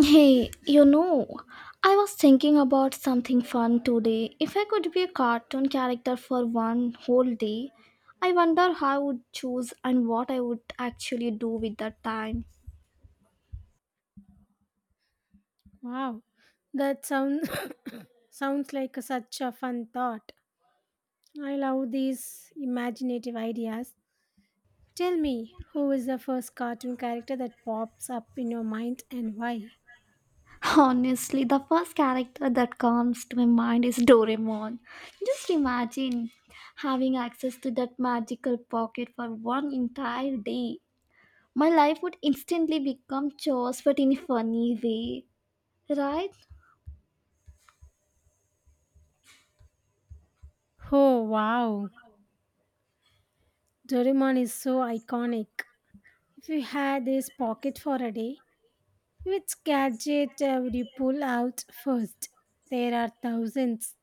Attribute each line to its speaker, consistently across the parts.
Speaker 1: Hey, I was thinking about something fun today. If I could be a cartoon character for one whole day, I wonder how I would choose and what I would actually do with that time.
Speaker 2: Wow, that sound sounds like such a fun thought. I love these imaginative ideas. Tell me, who is the first cartoon character that pops up in your mind and why?
Speaker 1: Honestly, the first character that comes to my mind is Doraemon. Just imagine having access to that magical pocket for one entire day. My life would instantly become chores, but in a funny way, right?
Speaker 2: Oh wow, Doraemon is so iconic. If you had this pocket for a day, which gadget would you pull out first? There are thousands.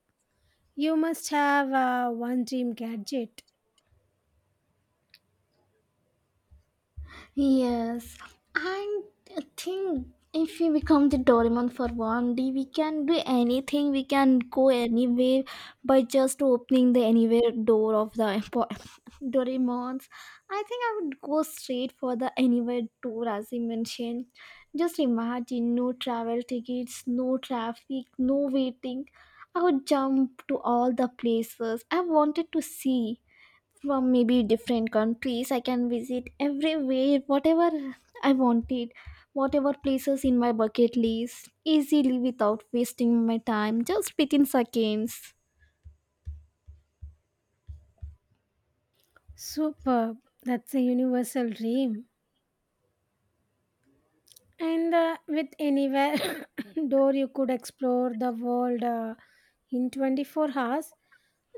Speaker 2: You must have one dream gadget.
Speaker 1: Yes, and I think if we become the Doraemon for one day, we can do anything. We can go anywhere by just opening the anywhere door of the Doraemon's. I think I would go straight for the anywhere door, as you mentioned. Just imagine no travel tickets, no traffic, no waiting. I would jump to all the places I wanted to see from maybe different countries. I can visit everywhere, whatever I wanted, whatever places in my bucket list, easily without wasting my time, just within seconds.
Speaker 2: Superb. That's a universal dream. And with anywhere door, you could explore the world in 24 hours.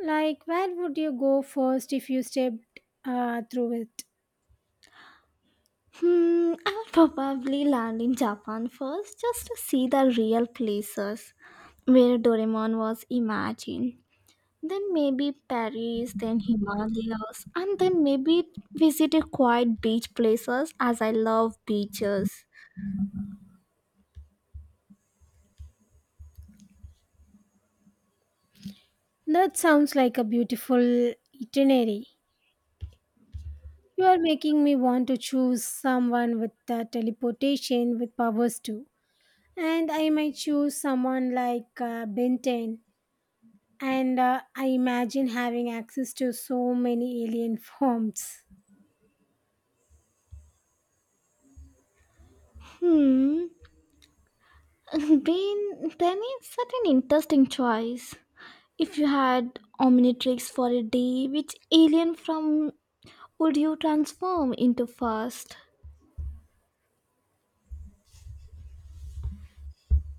Speaker 2: Like, where would you go first if you stepped through it?
Speaker 1: Hmm, I'll probably land in Japan first, just to see the real places where Doraemon was imagined. Then maybe Paris, then Himalayas, and then maybe visit a quiet beach places, as I love beaches.
Speaker 2: That sounds like a beautiful itinerary. You are making me want to choose someone with teleportation with powers too. And I might choose someone like Benton. And I imagine having access to so many alien forms.
Speaker 1: Hmm, Then it's such an interesting choice. If you had Omnitrix for a day, which alien from would you transform into first?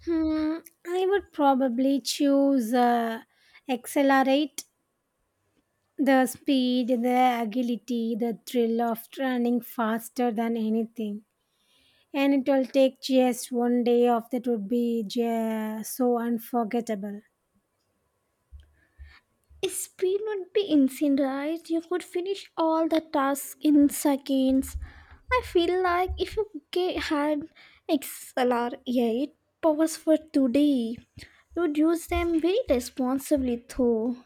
Speaker 2: Hmm, I would probably choose accelerate the speed, the agility, the thrill of running faster than anything. And it will take just one day of that would be just so unforgettable.
Speaker 1: Speed would be insane, right? You could finish all the tasks in seconds. I feel like if you had XLR8 powers for today, you would use them very responsibly, though.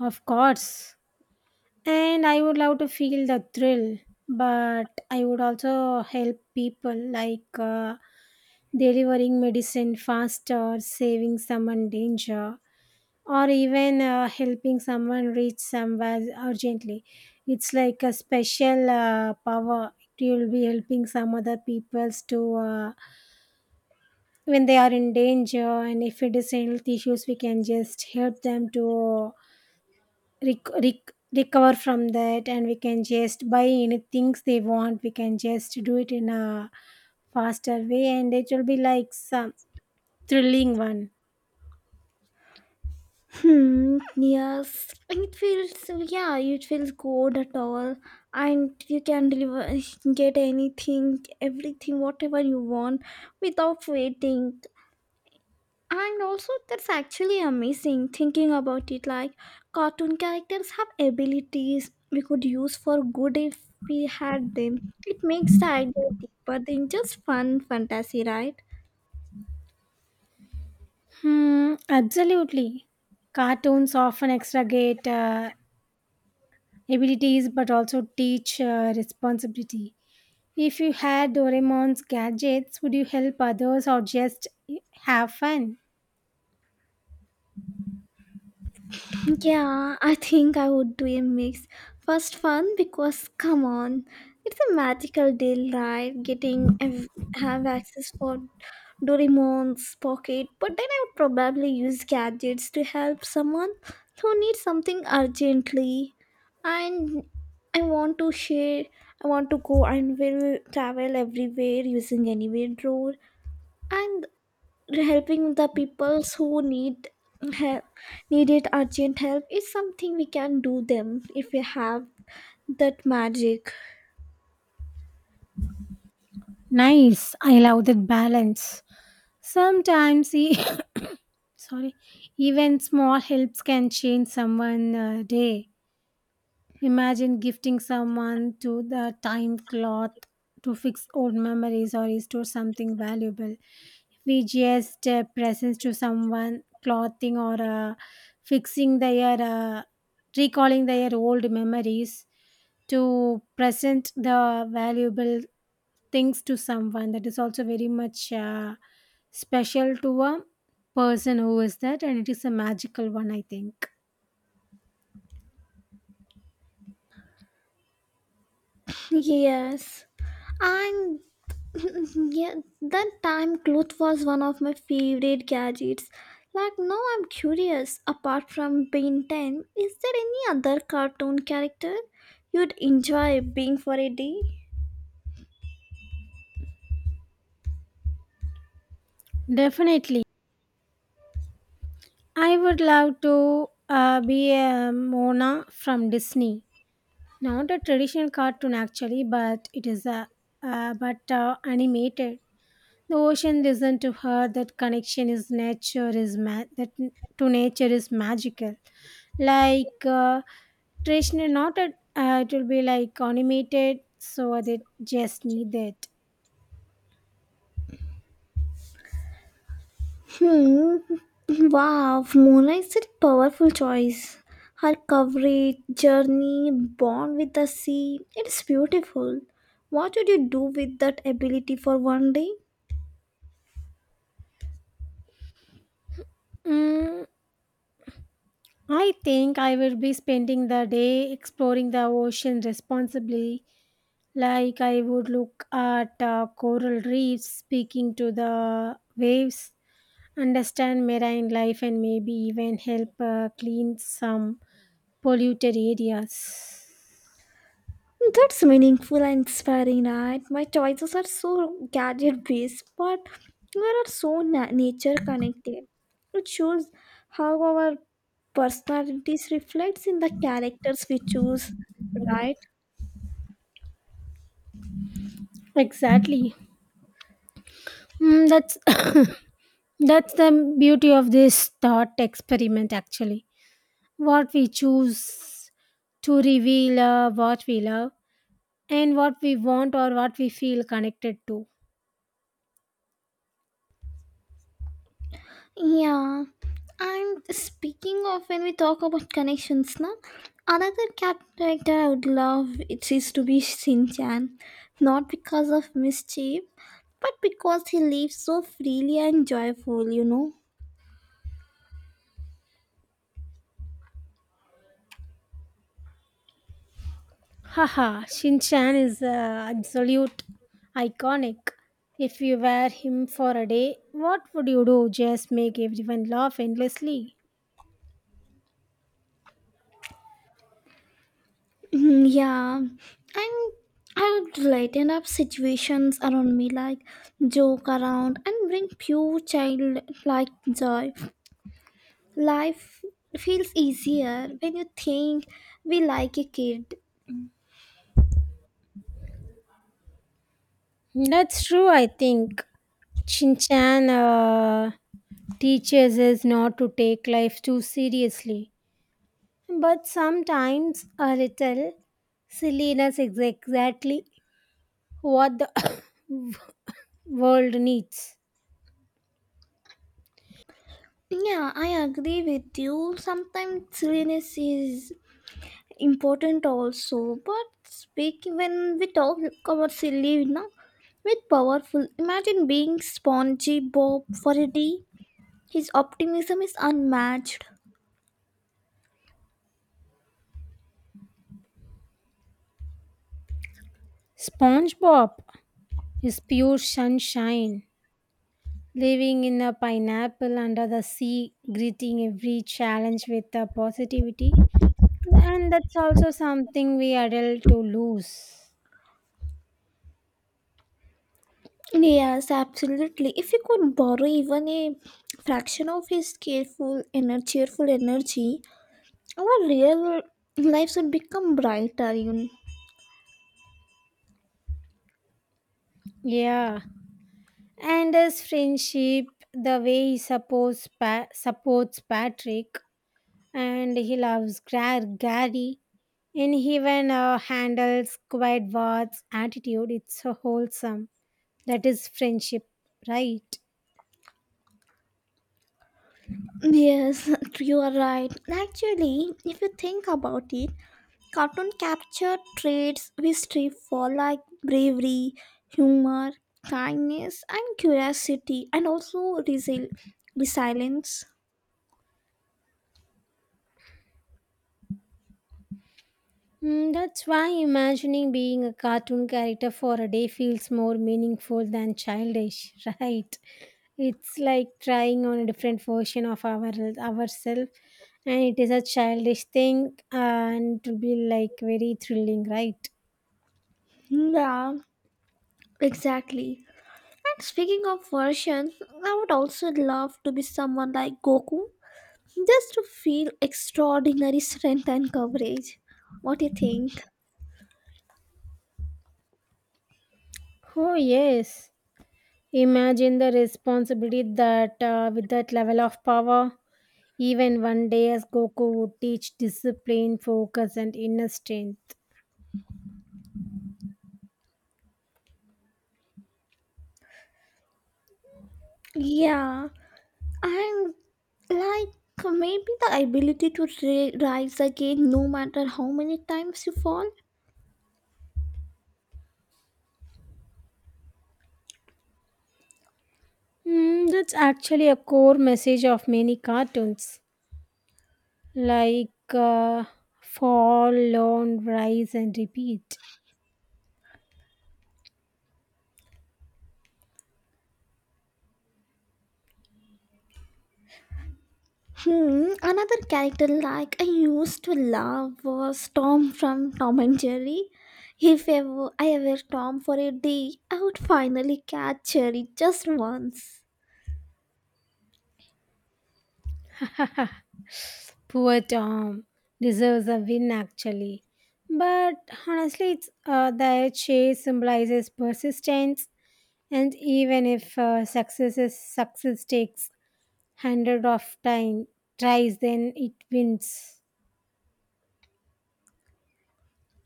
Speaker 2: Of course. And I would love to feel the thrill, but I would also help people like delivering medicine faster, saving someone danger or even helping someone reach somewhere urgently. It's like a special power. You'll be helping some other peoples to when they are in danger, and if it is health issues, we can just help them to recover from that, and we can just buy any things they want. We can just do it in a faster way, and it will be like some thrilling one.
Speaker 1: Hmm, yes, yeah, it feels good at all, and you can deliver, get anything, everything, whatever you want without waiting. And also, that's actually amazing thinking about it. Like, cartoon characters have abilities we could use for good if we had them. It makes the idea deeper than just fun fantasy, right?
Speaker 2: Hmm, absolutely. Cartoons often extragate abilities but also teach responsibility. If you had Doraemon's gadgets, would you help others or just have fun?
Speaker 1: Yeah, I think I would do a mix. First, fun, because come on, it's a magical deal, right? Getting have access for Doraemon's pocket, but then I would probably use gadgets to help someone who needs something urgently. And I want to share. I want to go and will travel everywhere using anywhere drawer. And helping the peoples who need help, needed urgent help, is something we can do them if we have that magic.
Speaker 2: Nice. I love that balance. Sometimes, e- sorry, even small helps can change someone's day. Imagine gifting someone to the time cloth to fix old memories or restore something valuable. We just presents to someone, clothing or fixing their, recalling their old memories to present the valuable things to someone. That is also very much special to a person who is that, and it is a magical one, I think.
Speaker 1: Yes, and yeah, that time cloth was one of my favorite gadgets. Like, now I'm curious, apart from being 10, is there any other cartoon character you'd enjoy being for a day?
Speaker 2: Definitely. I would love to be a Mona from Disney. Not a traditional cartoon actually, but it is a but animated. The ocean listen to her. That connection is nature is to nature is magical. Like traditional, not a it will be like animated, so they just need that.
Speaker 1: Hmm. Wow, Mona is a powerful choice. Her coverage, journey, bond with the sea, it's beautiful. What would you do with that ability for one day?
Speaker 2: Mm, I think I will be spending the day exploring the ocean responsibly. Like I would look at coral reefs, speaking to the waves, understand marine life, and maybe even help clean some polluted areas.
Speaker 1: That's meaningful and inspiring, right? My choices are so gadget based, but we are so nature connected. It shows how our personalities reflects in the characters we choose, right?
Speaker 2: Exactly. Mm, that's that's the beauty of this thought experiment. Actually, what we choose to reveal, what we love, and what we want or what we feel connected to.
Speaker 1: Yeah, and speaking of when we talk about connections, now another cat character I would love it is to be Shin Chan, not because of mischief, but because he lives so freely and joyful.
Speaker 2: Haha, Shin-chan is absolute iconic. If you were him for a day, what would you do? Just make everyone laugh endlessly?
Speaker 1: Mm, yeah, and I would lighten up situations around me, like joke around and bring pure childlike joy. Life feels easier when you think we like a kid.
Speaker 2: That's true, I think. Shin-chan teaches us not to take life too seriously. But sometimes a little silliness is exactly what the world needs.
Speaker 1: Yeah, I agree with you. Sometimes silliness is important also, but speaking when we talk about silly now with powerful. Imagine being spongy Bob for a day. His optimism is unmatched.
Speaker 2: SpongeBob is pure sunshine. Living in a pineapple under the sea, greeting every challenge with a positivity. And that's also something we adult to lose.
Speaker 1: Yes, absolutely. If you could borrow even a fraction of his careful energy, cheerful energy, our real lives would become brighter.
Speaker 2: Yeah. And his friendship, the way he supports Patrick and he loves Gary and he even handles quiet words attitude. It's so wholesome. That is friendship, right?
Speaker 1: Yes, you are right. Actually, if you think about it, cartoon capture traits we strive for, like bravery, humor, kindness, and curiosity, and also resilience.
Speaker 2: Mm, that's why imagining being a cartoon character for a day feels more meaningful than childish, right? It's like trying on a different version of ourselves, and it is a childish thing, and it will be like very thrilling, right?
Speaker 1: Yeah, exactly. And speaking of versions, I would also love to be someone like Goku, just to feel extraordinary strength and courage. What do you think?
Speaker 2: Oh yes, imagine the responsibility that with that level of power, even one day as Goku would teach discipline, focus, and inner strength.
Speaker 1: Yeah. And like maybe the ability to rise again, no matter how many times you fall.
Speaker 2: Hmm, that's actually a core message of many cartoons, like Fall, Learn, Rise, and Repeat.
Speaker 1: Hmm, another character like I used to love was Tom from Tom and Jerry. If ever I ever Tom for a day, I would finally catch Jerry just once.
Speaker 2: Poor Tom deserves a win, actually. But honestly, it's, the chase symbolizes persistence, and even if success takes hundred of time tries, then it wins.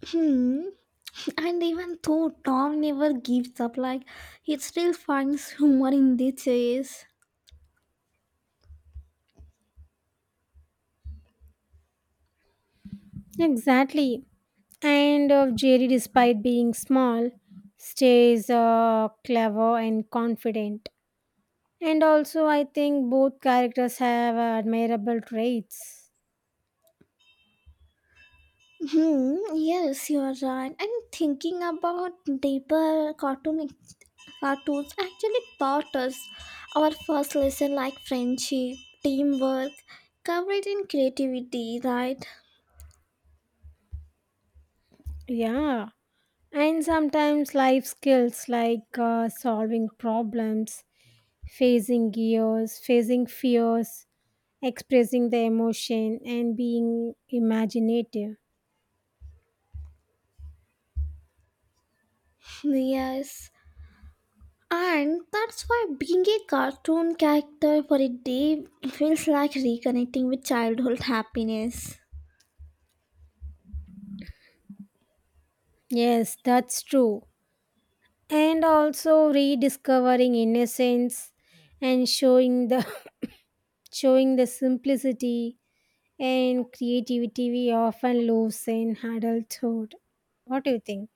Speaker 1: Hmm. And even though Tom never gives up, like, he still finds humor in the chase.
Speaker 2: Exactly. And Jerry, despite being small, stays clever and confident. And also, I think both characters have admirable traits.
Speaker 1: Hmm, yes, you are right. And thinking about deeper cartoons actually taught us our first lesson, like friendship, teamwork, courage and creativity, right?
Speaker 2: Yeah. And sometimes life skills like solving problems, facing fears, expressing the emotion, and being imaginative.
Speaker 1: Yes. And that's why being a cartoon character for a day feels like reconnecting with childhood happiness.
Speaker 2: Yes, that's true. And also rediscovering innocence and showing the showing the simplicity and creativity we often lose in adulthood. What do you think?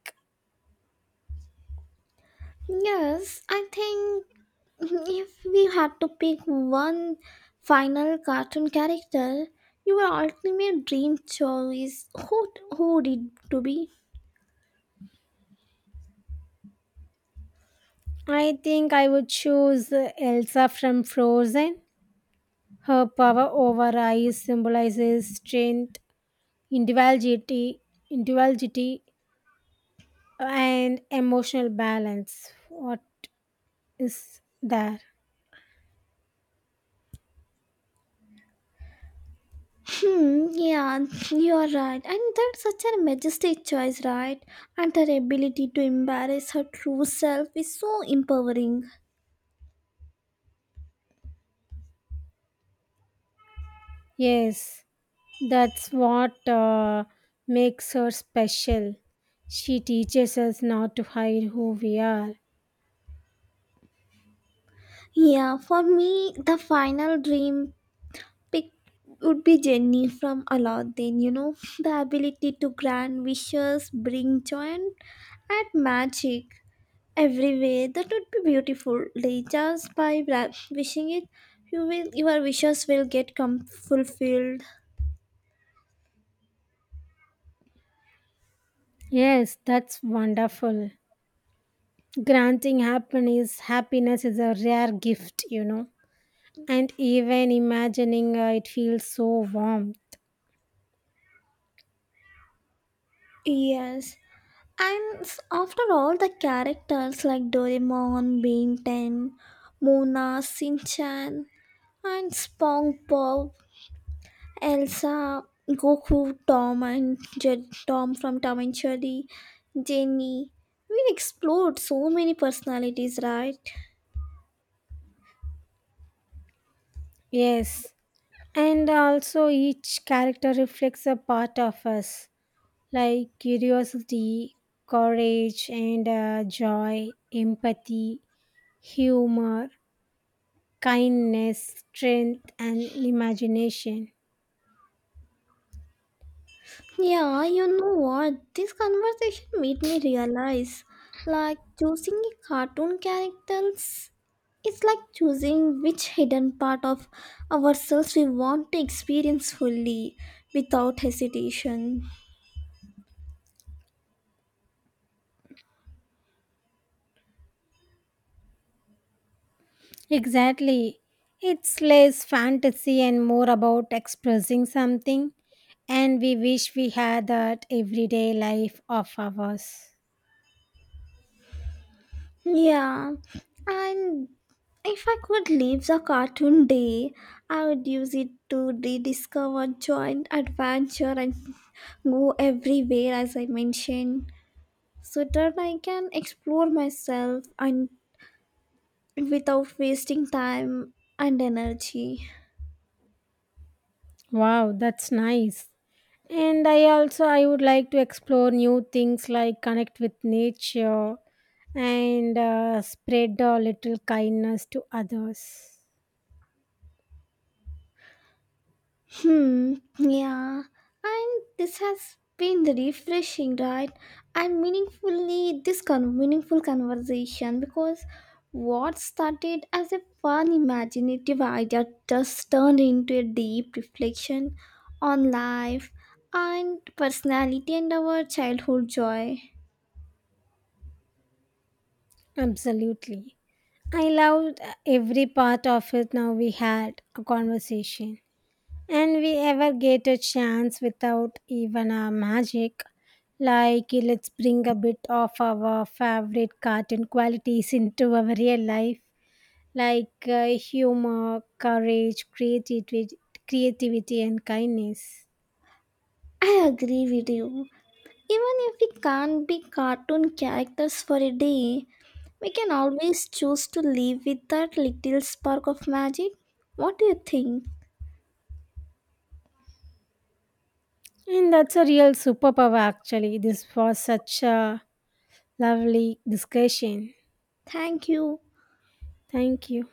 Speaker 1: Yes, I think if we had to pick one final cartoon character, your ultimate dream choice, who would it to be?
Speaker 2: I think I would choose Elsa from Frozen. Her power over ice symbolizes strength, individuality, individuality, and emotional balance. What is there?
Speaker 1: Hmm, yeah, you're right. And that's such a majestic choice, right? And her ability to embrace her true self is so empowering.
Speaker 2: Yes, that's what makes her special. She teaches us not to hide who we are.
Speaker 1: Yeah, for me, the final dream pick would be Jenny from Aladdin. The ability to grant wishes, bring joy, and add magic everywhere. That would be beautiful. Like, just by wishing it, you will your wishes will get come fulfilled.
Speaker 2: Yes, that's wonderful. Happiness is a rare gift, you know. And even imagining it feels so warm.
Speaker 1: Yes. And after all the characters like Doraemon, Ben 10, Mona, Sinchan, and SpongeBob, Elsa, Goku, Tom and Tom from Tom and Jerry, Jenny. We explored so many personalities, right?
Speaker 2: Yes. And also, each character reflects a part of us, like curiosity, courage, and joy, empathy, humor, kindness, strength, and imagination.
Speaker 1: Yeah, you know what? This conversation made me realize, like, choosing a cartoon characters, it's like choosing which hidden part of ourselves we want to experience fully without hesitation.
Speaker 2: Exactly. It's less fantasy and more about expressing something, and we wish we had that everyday life of ours.
Speaker 1: Yeah, and if I could live the cartoon day, I would use it to rediscover joy, adventure, and go everywhere, as I mentioned, so that I can explore myself and without wasting time and energy.
Speaker 2: Wow, that's nice. And I would like to explore new things like connect with nature and spread a little kindness to others.
Speaker 1: Hmm, yeah, and this has been refreshing, right? And meaningfully, this meaningful conversation, because what started as a fun, imaginative idea just turned into a deep reflection on life and personality and our childhood joy.
Speaker 2: Absolutely. I loved every part of it. Now we had a conversation. And we ever get a chance without even a magic. Like, let's bring a bit of our favorite cartoon qualities into our real life, like humor, courage, creativity, and kindness.
Speaker 1: I agree with you. Even if we can't be cartoon characters for a day, we can always choose to live with that little spark of magic. What do you think?
Speaker 2: And that's a real superpower, actually. This was such a lovely discussion.
Speaker 1: Thank you.
Speaker 2: Thank you.